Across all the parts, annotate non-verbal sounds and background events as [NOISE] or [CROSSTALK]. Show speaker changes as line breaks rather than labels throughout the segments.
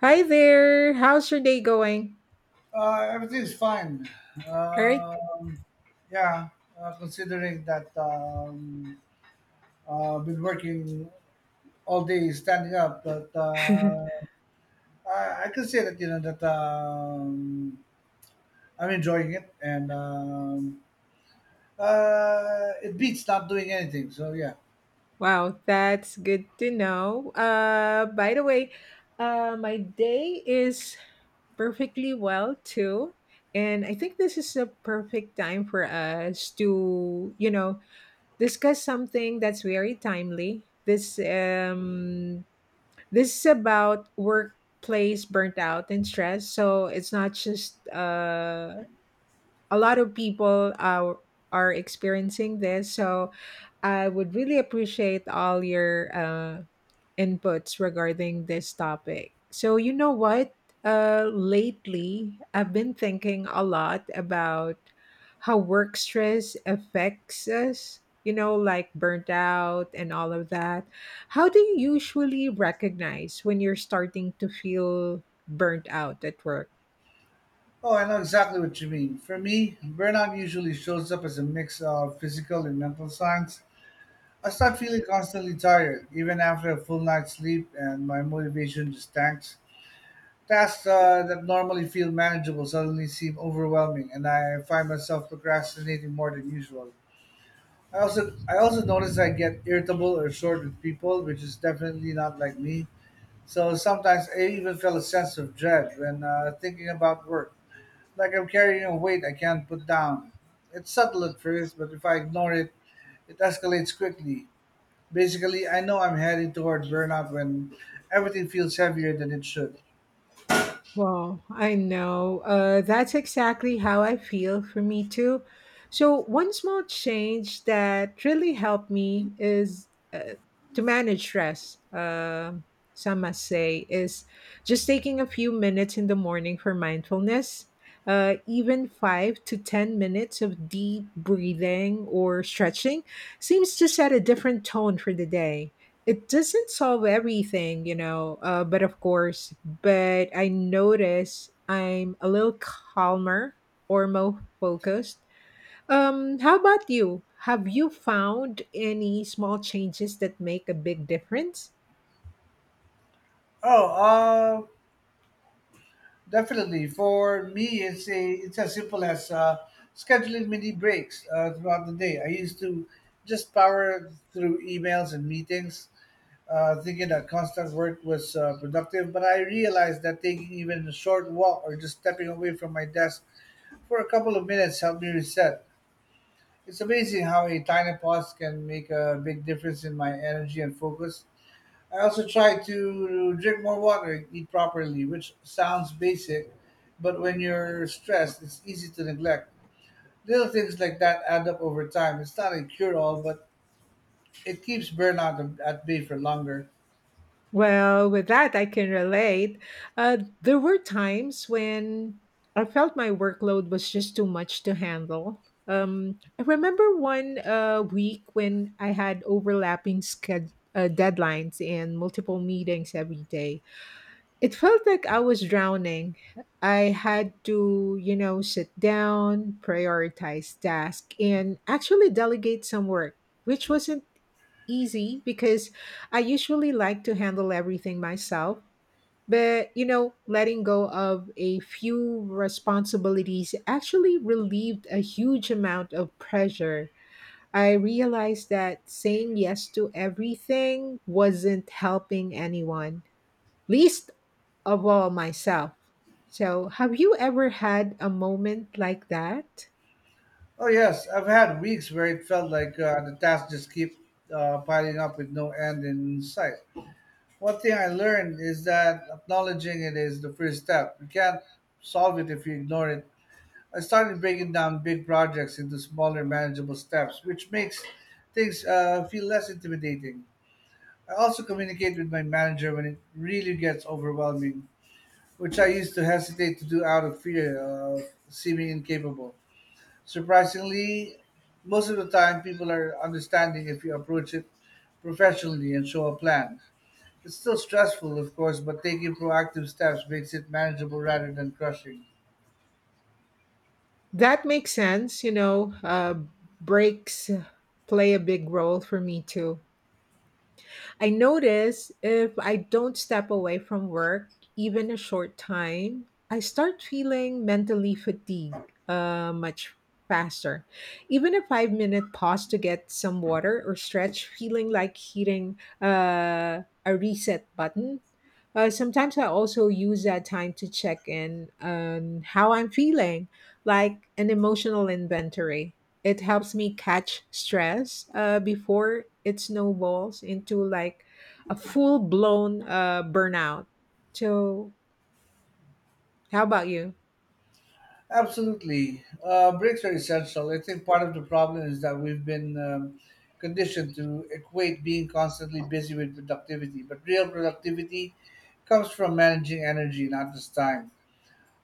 Hi there. How's your day going?
Everything is fine.
All right.
Um, yeah, Considering that I've been working all day standing up, but I can say that you know that I'm enjoying it, and it beats not doing anything. So yeah.
Wow, that's good to know. By the way, my day is perfectly well too. And I think this is a perfect time for us to, discuss something that's very timely. This is about workplace burnt out and stress. So it's not just a lot of people are experiencing this, so I would really appreciate all your inputs regarding this topic. So you know what, lately I've been thinking a lot about how work stress affects us, like burnt out and all of that. How do you usually recognize when you're starting to feel burnt out at work?
Oh, I know exactly what you mean. For me, burnout usually shows up as a mix of physical and mental signs. I start feeling constantly tired, even after a full night's sleep, and my motivation just tanks. Tasks that normally feel manageable suddenly seem overwhelming, and I find myself procrastinating more than usual. I also notice I get irritable or short with people, which is definitely not like me. So sometimes I even feel a sense of dread when thinking about work, like I'm carrying a weight I can't put down. It's subtle at first, but if I ignore it, it escalates quickly. Basically, I know I'm heading toward burnout when everything feels heavier than it should.
Wow, I know. That's exactly how I feel for me too. So, one small change that really helped me is to manage stress. Some must say is just taking a few minutes in the morning for mindfulness. Even 5 to 10 minutes of deep breathing or stretching seems to set a different tone for the day. It doesn't solve everything, but of course, but I notice I'm a little calmer or more focused. How about you? Have you found any small changes that make a big difference?
Oh, uh, Definitely. For me, it's as simple as scheduling mini breaks throughout the day. I used to just power through emails and meetings, thinking that constant work was productive. But I realized that taking even a short walk or just stepping away from my desk for a couple of minutes helped me reset. It's amazing how a tiny pause can make a big difference in my energy and focus. I also try to drink more water and eat properly, which sounds basic, but when you're stressed, it's easy to neglect. Little things like that add up over time. It's not a cure all, but it keeps burnout at bay for longer.
Well, with that, I can relate. There were times when I felt my workload was just too much to handle. I remember one week when I had overlapping deadlines and multiple meetings every day. It felt like I was drowning. I had to, sit down, prioritize tasks, and actually delegate some work, which wasn't easy because I usually like to handle everything myself. But, letting go of a few responsibilities actually relieved a huge amount of pressure. I realized that saying yes to everything wasn't helping anyone, least of all myself. So, have you ever had a moment like that?
Oh, yes, I've had weeks where it felt like the tasks just keep piling up with no end in sight. One thing I learned is that acknowledging it is the first step. You can't solve it if you ignore it. I started breaking down big projects into smaller, manageable steps, which makes things feel less intimidating. I also communicate with my manager when it really gets overwhelming, which I used to hesitate to do out of fear of seeming incapable. Surprisingly, most of the time, people are understanding if you approach it professionally and show a plan. It's still stressful, of course, but taking proactive steps makes it manageable rather than crushing.
That makes sense. You know, breaks play a big role for me too. I notice if I don't step away from work, even a short time, I start feeling mentally fatigued much faster. Even a 5-minute pause to get some water or stretch, feeling like hitting a reset button. Sometimes I also use that time to check in on how I'm feeling, like an emotional inventory. It helps me catch stress before it snowballs into like a full blown burnout. So, how about you?
Absolutely. Breaks are essential. I think part of the problem is that we've been conditioned to equate being constantly busy with productivity, but real productivity comes from managing energy, not just time.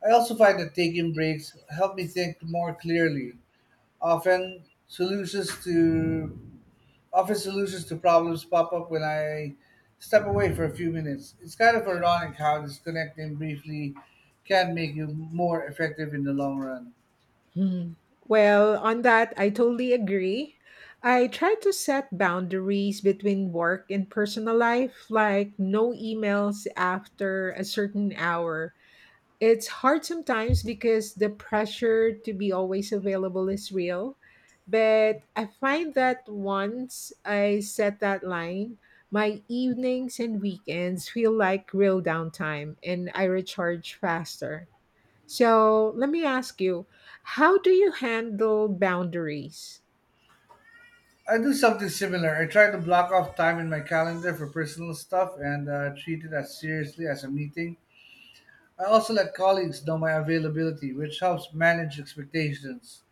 I also find that taking breaks help me think more clearly. Often, solutions to Often solutions to problems pop up when I step away for a few minutes. It's kind of ironic how disconnecting briefly can make you more effective in the long run.
Hmm. Well, on that, I totally agree. I try to set boundaries between work and personal life, like no emails after a certain hour. It's hard sometimes because the pressure to be always available is real. But I find that once I set that line, my evenings and weekends feel like real downtime and I recharge faster. So let me ask you, how do you handle boundaries?
I do something similar. I try to block off time in my calendar for personal stuff and treat it as seriously as a meeting. I also let colleagues know my availability, which helps manage expectations.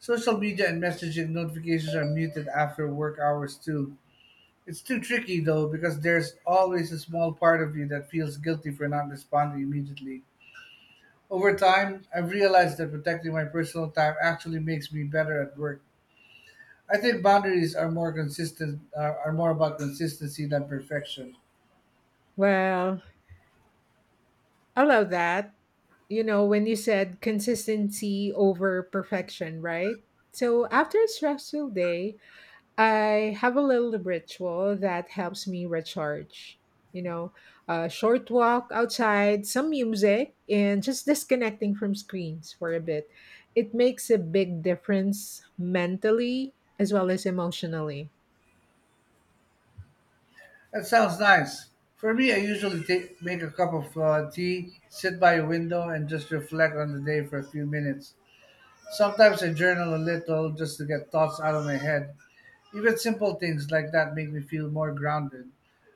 Social media and messaging notifications are muted after work hours too. It's too tricky, though, because there's always a small part of you that feels guilty for not responding immediately. Over time, I've realized that protecting my personal time actually makes me better at work. I think boundaries are more about consistency than perfection.
Well, I love that. You know, when you said consistency over perfection, right? So after a stressful day, I have a little ritual that helps me recharge. You know, a short walk outside, some music, and just disconnecting from screens for a bit. It makes a big difference mentally as well as emotionally.
That sounds nice. For me, I usually make a cup of tea, sit by a window, and just reflect on the day for a few minutes. Sometimes I journal a little just to get thoughts out of my head. Even simple things like that make me feel more grounded.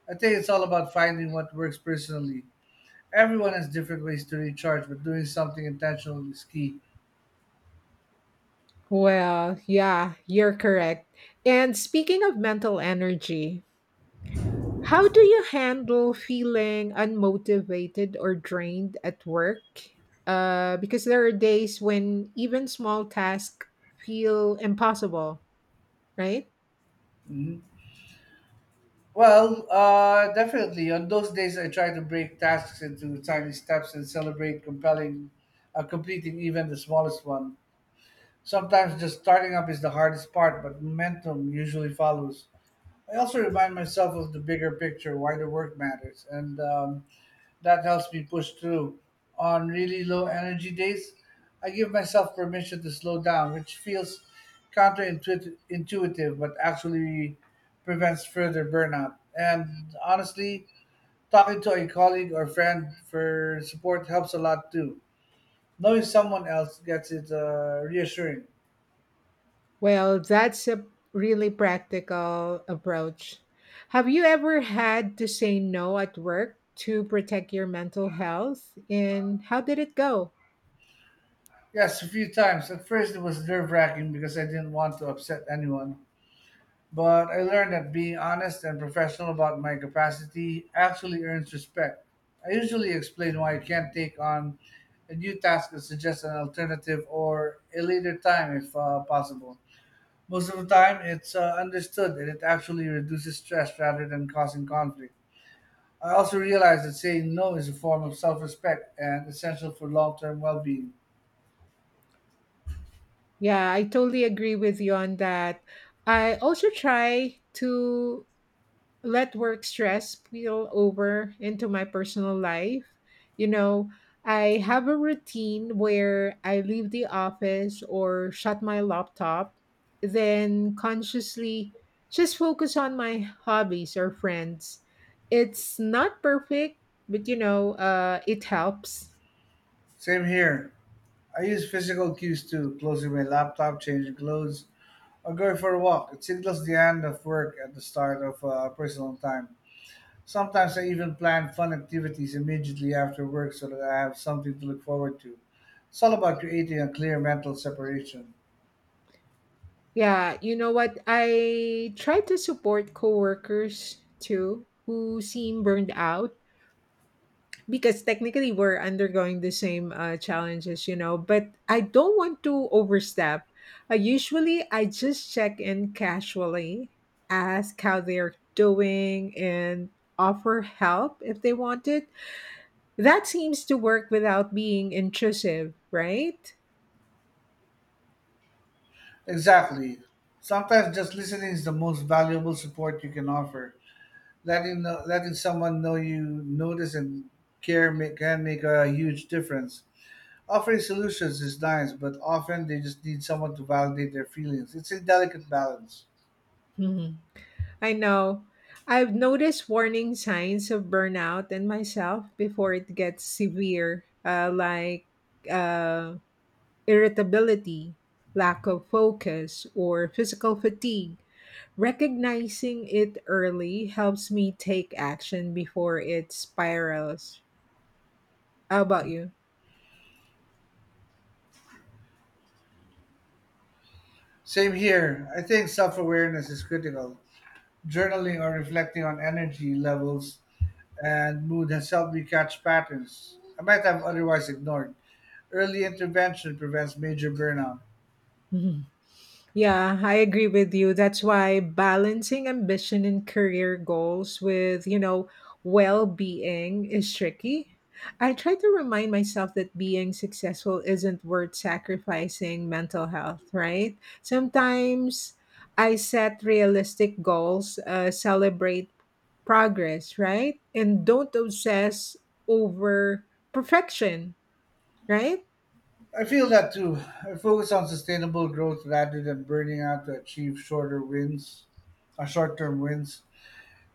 I think it's all about finding what works personally. Everyone has different ways to recharge, but doing something intentional is key.
Well, yeah, you're correct. And speaking of mental energy, how do you handle feeling unmotivated or drained at work? Because there are days when even small tasks feel impossible, right?
Definitely. On those days, I try to break tasks into tiny steps and celebrate completing even the smallest one. Sometimes just starting up is the hardest part, but momentum usually follows. I also remind myself of the bigger picture, why the work matters, and That helps me push through. On really low energy days, I give myself permission to slow down, which feels intuitive, but actually prevents further burnout. And honestly, talking to a colleague or friend for support helps a lot too. Knowing someone else gets it reassuring.
Well, that's a really practical approach. Have you ever had to say no at work to protect your mental health? And how did it go?
Yes, a few times. At first, it was nerve wracking because I didn't want to upset anyone. But I learned that being honest and professional about my capacity actually earns respect. I usually explain why I can't take on a new task and suggest an alternative or a later time if possible. Most of the time, it's understood and it actually reduces stress rather than causing conflict. I also realize that saying no is a form of self respect and essential for long term well being.
Yeah, I totally agree with you on that. I also try to let work stress spill over into my personal life. You know, I have a routine where I leave the office or shut my laptop, then consciously just focus on my hobbies or friends. It's not perfect, but it helps.
Same here. I use physical cues too, closing my laptop, changing clothes, I go for a walk. It signals the end of work at the start of personal time. Sometimes I even plan fun activities immediately after work so that I have something to look forward to. It's all about creating a clear mental separation.
Yeah, you know what? I try to support coworkers too who seem burned out because technically we're undergoing the same challenges, but I don't want to overstep. Usually I just check in casually, ask how they're doing, and offer help if they want it. That seems to work without being intrusive, right?
Exactly. Sometimes just listening is the most valuable support you can offer. Letting someone know you notice and can make a huge difference. Offering solutions is nice, but often they just need someone to validate their feelings. It's a delicate balance.
Mhm. I know. I've noticed warning signs of burnout in myself before it gets severe, like. Uh, irritability, lack of focus, or physical fatigue. Recognizing it early helps me take action before it spirals. How about you?
Same here. I think self awareness is critical. Journaling or reflecting on energy levels and mood has helped me catch patterns I might have otherwise ignored. Early intervention prevents major burnout.
[LAUGHS] Yeah, I agree with you. That's why balancing ambition and career goals with, well being is tricky. I try to remind myself that being successful isn't worth sacrificing mental health, right? Sometimes I set realistic goals, celebrate progress, right? And don't obsess over perfection, right?
I feel that too. I focus on sustainable growth rather than burning out to achieve shorter wins, or short-term wins.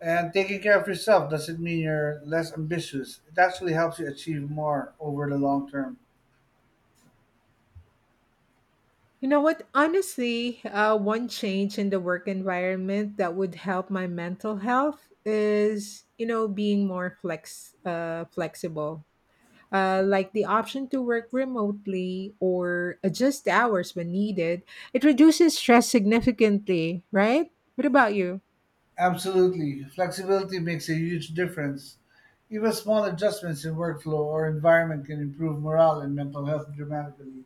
And taking care of yourself doesn't mean you're less ambitious. It actually helps you achieve more over the long term.
You know what? Honestly, one change in the work environment that would help my mental health is, being more flexible. Like the option to work remotely or adjust hours when needed, it reduces stress significantly, right? What about you?
Absolutely. Flexibility makes a huge difference. Even small adjustments in workflow or environment can improve morale and mental health dramatically.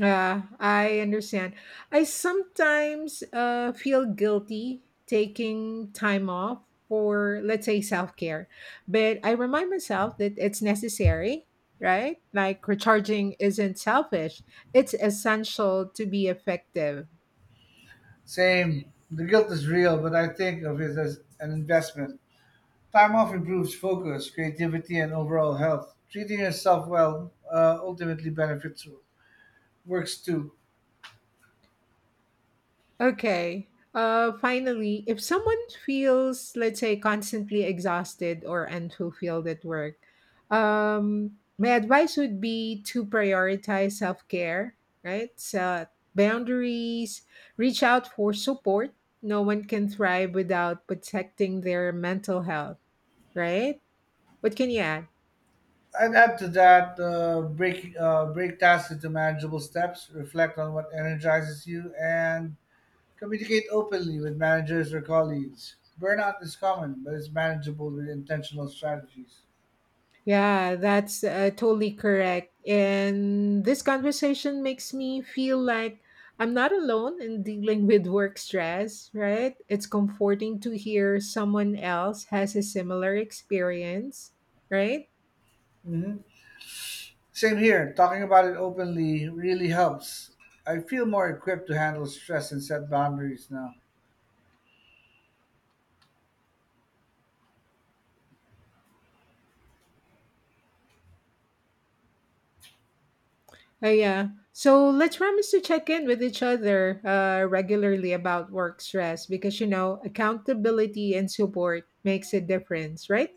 Yeah, I understand. I sometimes feel guilty taking time off for, let's say, self care, but I remind myself that it's necessary, right? Like recharging isn't selfish, it's essential to be effective.
Same. The guilt is real, but I think of it as an investment. Time off improves focus, creativity, and overall health. Treating yourself well ultimately benefits works too.
Okay. Finally, if someone feels, let's say, constantly exhausted or unfulfilled at work, my advice would be to prioritize self care, right? Set boundaries, reach out for support. No one can thrive without protecting their mental health, right? What can you add?
I'd add to that break tasks into manageable steps. Reflect on what energizes you and communicate openly with managers or colleagues. Burnout is common, but it's manageable with intentional strategies.
Yeah, that's totally correct. And this conversation makes me feel like I'm not alone in dealing with work stress, right? It's comforting to hear someone else has a similar experience, right?
Hmm. Same here. Talking about it openly really helps. I feel more equipped to handle stress and set boundaries now.
Yeah. So let's promise to check in with each other regularly about work stress because, accountability and support makes a difference, right?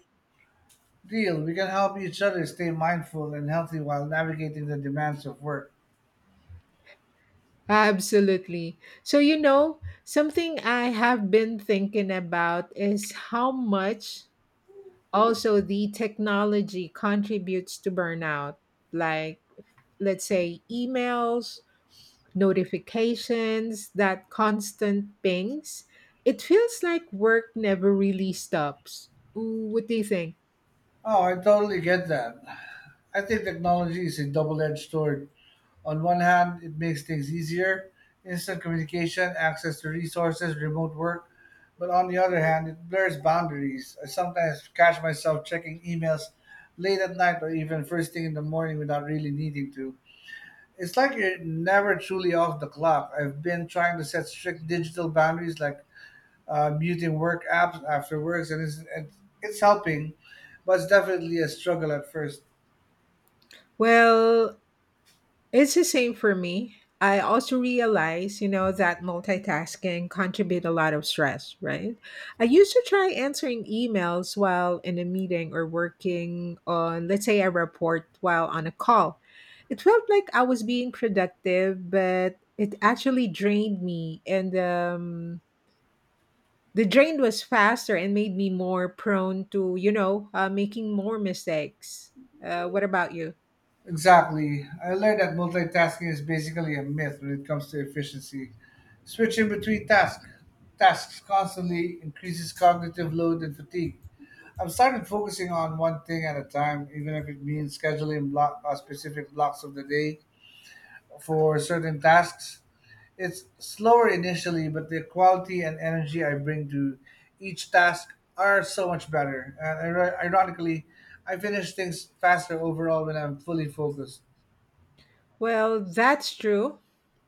Deal. We can help each other stay mindful and healthy while navigating the demands of work.
Absolutely. So, something I have been thinking about is how much also the technology contributes to burnout. Like, let's say, emails, notifications, that constant pings. It feels like work never really stops. Ooh, what do you think?
Oh, I totally get that. I think technology is a double edged sword. On one hand, it makes things easier: instant communication, access to resources, remote work. But on the other hand, it blurs boundaries. I sometimes catch myself checking emails late at night or even first thing in the morning without really needing to. It's like you're never truly off the clock. I've been trying to set strict digital boundaries like muting work apps after works, and it's helping, but it's definitely a struggle at first.
Well, it's the same for me. I also realize, that multitasking contribute a lot of stress, right? I used to try answering emails while in a meeting or working on, let's say, a report while on a call. It felt like I was being productive, but it actually drained me. And the drain was faster and made me more prone to, making more mistakes. What about you?
Exactly. I learned that multitasking is basically a myth when it comes to efficiency. Switching between tasks constantly increases cognitive load and fatigue. I've started focusing on one thing at a time, even if it means scheduling block specific blocks of the day for certain tasks. It's slower initially, but the quality and energy I bring to each task are so much better. And ironically, I finish things faster overall when I'm fully focused.
Well, that's true.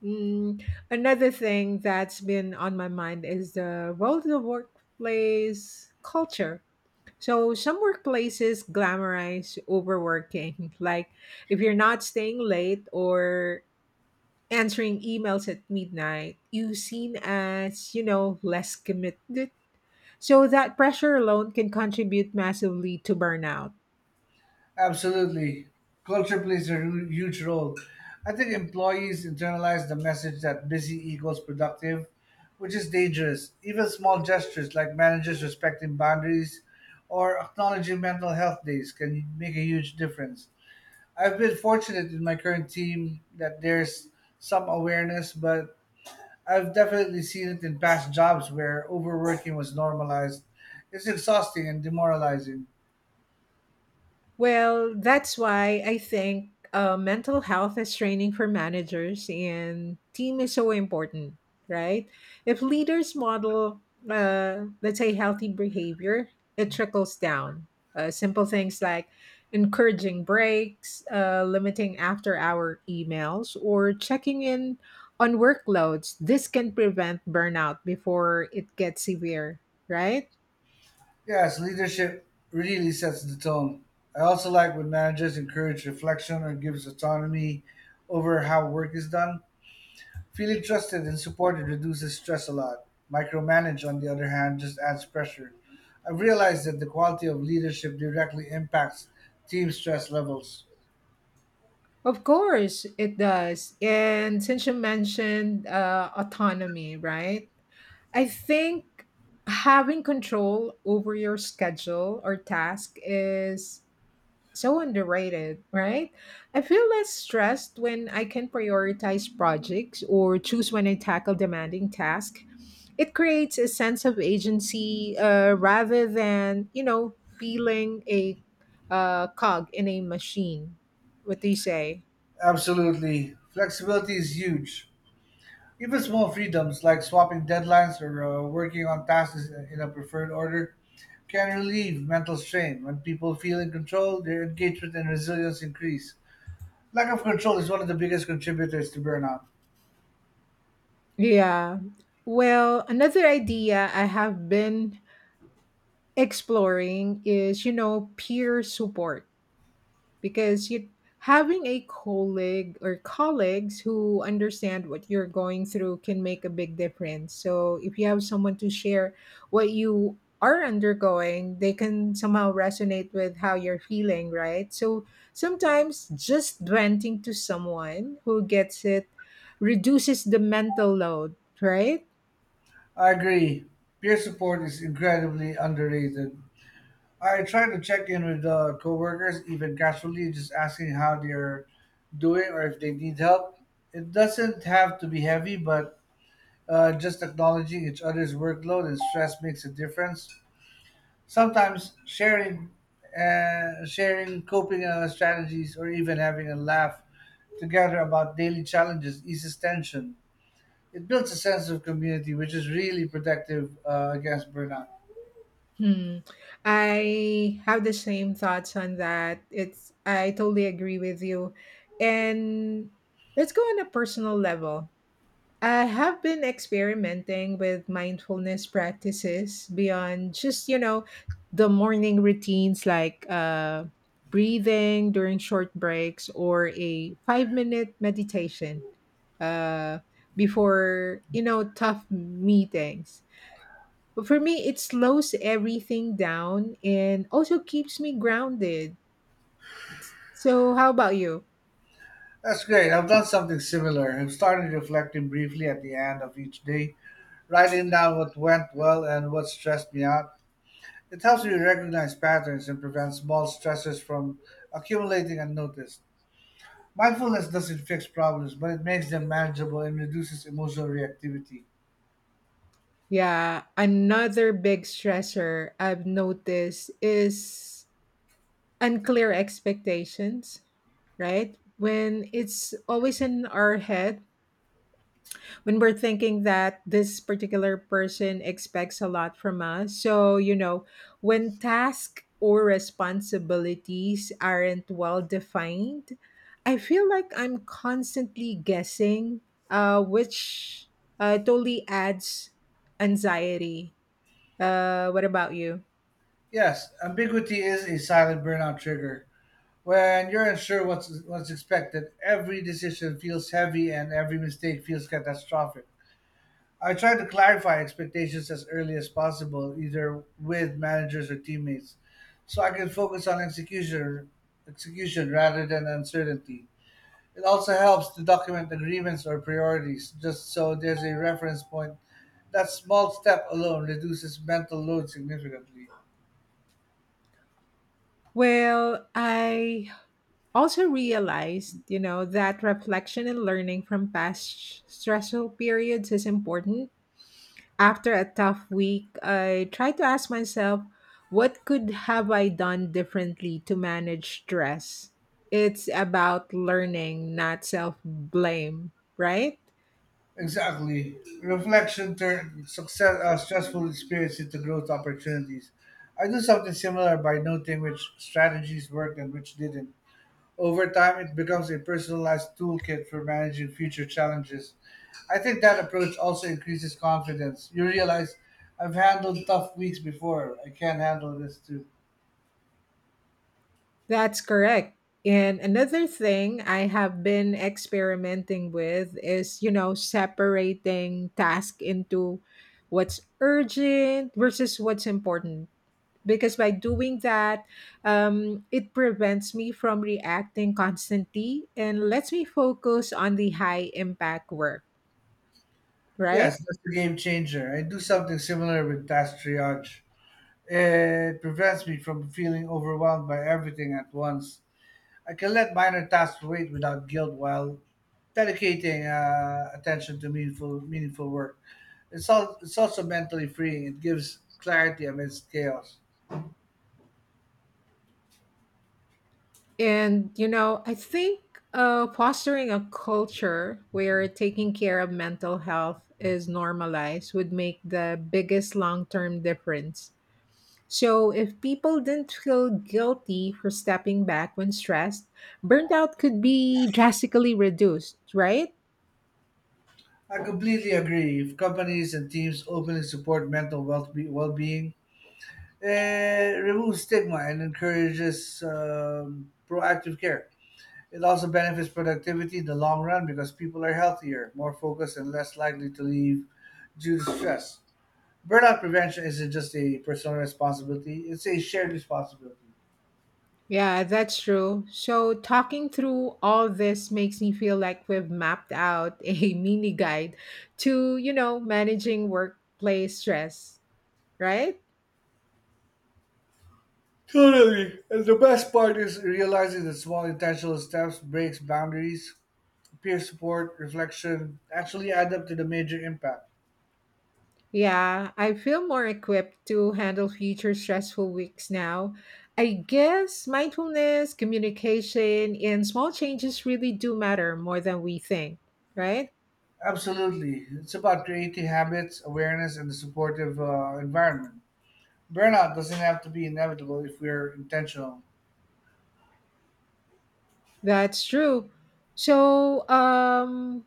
Mm, another thing that's been on my mind is the role of the workplace culture. So, some workplaces glamorize overworking. [LAUGHS] Like, if you're not staying late or answering emails at midnight, you seen as, less committed. So, that pressure alone can contribute massively to burnout.
Absolutely. Culture plays a huge role. I think employees internalize the message that busy equals productive, which is dangerous. Even small gestures like managers respecting boundaries or acknowledging mental health days can make a huge difference. I've been fortunate in my current team that there's some awareness, but I've definitely seen it in past jobs where overworking was normalized. It's exhausting and demoralizing.
Well, that's why I think mental health is training for managers and team is so important, right? If leaders model, let's say, healthy behavior, it trickles down. Simple things like encouraging breaks, limiting after hour emails, or checking in on workloads. This can prevent burnout before it gets severe, right?
Yes, leadership really sets the tone. I also like when managers encourage reflection or gives autonomy over how work is done. Feeling trusted and supported reduces stress a lot. Micromanage, on the other hand, just adds pressure. I've realized that the quality of leadership directly impacts team stress levels.
Of course, it does. And since you mentioned autonomy, right? I think having control over your schedule or task is so underrated, right? I feel less stressed when I can prioritize projects or choose when I tackle demanding tasks. It creates a sense of agency rather than, feeling a cog in a machine. What do you say?
Absolutely. Flexibility is huge. Even small freedoms like swapping deadlines or working on tasks in a preferred order can relieve mental strain. When people feel in control, their engagement and resilience increase. Lack of control is one of the biggest contributors to burnout.
Yeah. Well, another idea I have been exploring is, peer support because you having a colleague or colleagues who understand what you're going through can make a big difference. So, if you have someone to share what you are undergoing, they can somehow resonate with how you're feeling, right? So, sometimes just venting to someone who gets it reduces the mental load, right?
I agree. Peer support is incredibly underrated. I try to check in with coworkers, even casually, just asking how they're doing or if they need help. It doesn't have to be heavy, but just acknowledging each other's workload and stress makes a difference. Sometimes sharing coping strategies, or even having a laugh together about daily challenges eases tension. It builds a sense of community, which is really protective against burnout.
Hmm. I have the same thoughts on that. It's I totally agree with you. And let's go on a personal level. I have been experimenting with mindfulness practices beyond just, the morning routines like breathing during short breaks or a 5-minute meditation uh before, tough meetings. But for me, it slows everything down and also keeps me grounded. So, how about you?
That's great. I've done something similar. I've started reflecting briefly at the end of each day, writing down what went well and what stressed me out. It helps me recognize patterns and prevents small stresses from accumulating unnoticed. Mindfulness doesn't fix problems, but it makes them manageable and reduces emotional reactivity.
Yeah, another big stressor I've noticed is unclear expectations, right? When it's always in our head, when we're thinking that this particular person expects a lot from us. So, when tasks or responsibilities aren't well defined, I feel like I'm constantly guessing, which totally adds anxiety. What about you?
Yes, ambiguity is a silent burnout trigger. When you're unsure what's expected, every decision feels heavy and every mistake feels catastrophic. I try to clarify expectations as early as possible, either with managers or teammates, so I can focus on execution rather than uncertainty. It also helps to document agreements or priorities, just so there's a reference point. That small step alone reduces mental load significantly.
Well, I also realized, that reflection and learning from past stressful periods is important. After a tough week, I try to ask myself, what could have I done differently to manage stress? It's about learning, not self blame, right?
Exactly. Reflection turns stressful experience into growth opportunities. I do something similar by noting which strategies worked and which didn't. Over time, it becomes a personalized toolkit for managing future challenges. I think that approach also increases confidence. You realize I've handled tough weeks before. I can handle this too.
That's correct. And another thing I have been experimenting with is, separating task into what's urgent versus what's important because by doing that, it prevents me from reacting constantly and lets me focus on the high impact work,
Yes,
right?
that's a game changer. I do something similar with task triage. It prevents me from feeling overwhelmed by everything at once. I can let minor tasks wait without guilt while dedicating attention to meaningful work. It's also mentally freeing. It gives clarity amidst chaos.
And, I think fostering a culture where taking care of mental health is normalized would make the biggest long term difference. So, if people didn't feel guilty for stepping back when stressed, burnout could be drastically reduced, right?
I completely agree. If companies and teams openly support mental well well being, it removes stigma and encourages proactive care. It also benefits productivity in the long run because people are healthier, more focused, and less likely to leave due to stress. Burnout prevention isn't just a personal responsibility, it's a shared responsibility.
Yeah, that's true. So, talking through all this makes me feel like we've mapped out a [LAUGHS] mini guide to, managing workplace stress, right?
Totally. And the best part is realizing that small intentional steps, breaks, boundaries, peer support, reflection actually add up to the major impact.
Yeah, I feel more equipped to handle future stressful weeks now. I guess mindfulness, communication, and small changes really do matter more than we think, right?
Absolutely. It's about creating habits, awareness, and a supportive environment. Burnout doesn't have to be inevitable if we're intentional.
That's true. So,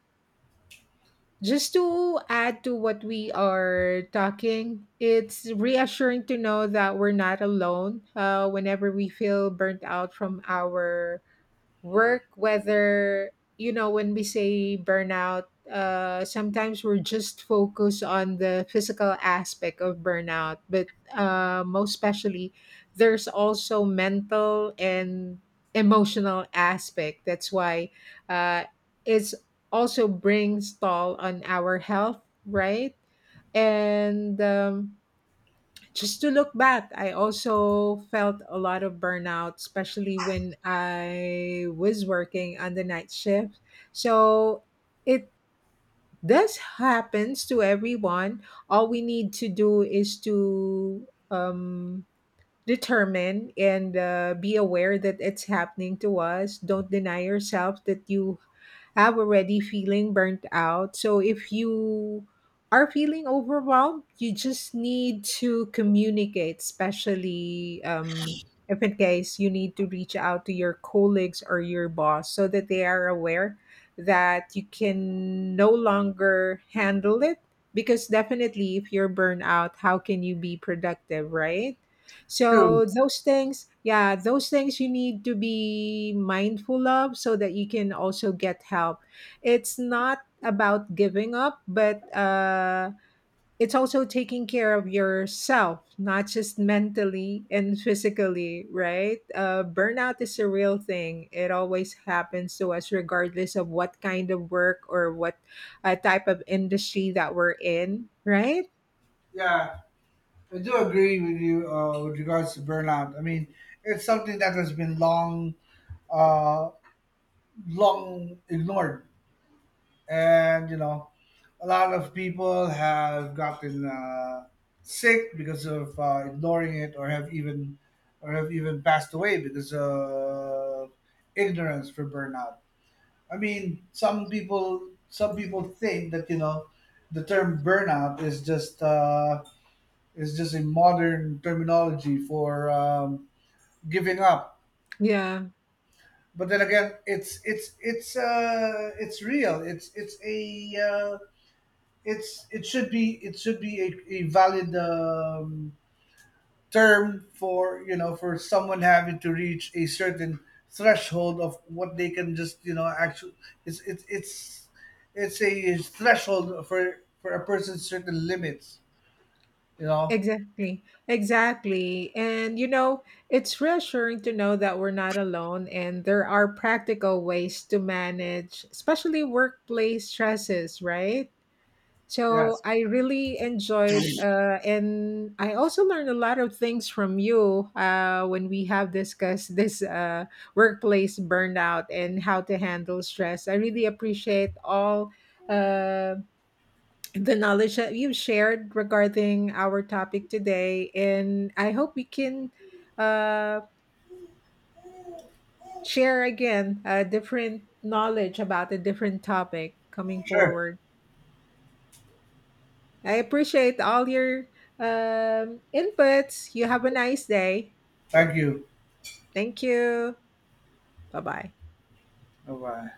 just to add to what we are talking, it's reassuring to know that we're not alone whenever we feel burnt out from our work. Whether when we say burnout, sometimes we're just focused on the physical aspect of burnout, but most especially, there's also mental and emotional aspect. That's why uh it's also brings toll on our health, right? And just to look back, I also felt a lot of burnout, especially when I was working on the night shift. So it does happens to everyone. All we need to do is to determined and be aware that it's happening to us. Don't deny yourself that you have already feeling burnt out. So if you are feeling overwhelmed, you just need to communicate, especially if in case you need to reach out to your colleagues or your boss so that they are aware that you can no longer handle it. Because definitely, if you're burnt out, how can you be productive, right? So
True.
those things, yeah, those things you need to be mindful of so that you can also get help. It's not about giving up, but it's also taking care of yourself, not just mentally and physically, right? Burnout is a real thing. It always happens to us, regardless of what kind of work or what type of industry that we're in, right?
Yeah, I do agree with you with regards to burnout. I mean, it's something that has been uh, long ignored, and you know, a lot of people have gotten sick because of ignoring it, or have even passed away because of ignorance for burnout. I mean, some people think that you know the term burnout is just a modern terminology for giving up.
Yeah.
But then again, it's real. It's a it's it should be It should be a valid term for you know for someone having to reach a certain threshold of what they can just you know actually it's it's it's it's a threshold for a person's certain limits, you know.
Exactly, exactly. And you know, it's reassuring to know that we're not alone and there are practical ways to manage, especially workplace stresses, right? So
Yes.
I really enjoyed, and I also learned a lot of things from you when we have discussed this workplace burnout and how to handle stress. I really appreciate all. Um, the knowledge that you've shared regarding our topic today. And I hope we can uh, share again different knowledge about a different topic coming
Sure.
forward. I appreciate all your inputs. You have a nice day.
Thank you.
Thank you. Bye bye.
Bye bye.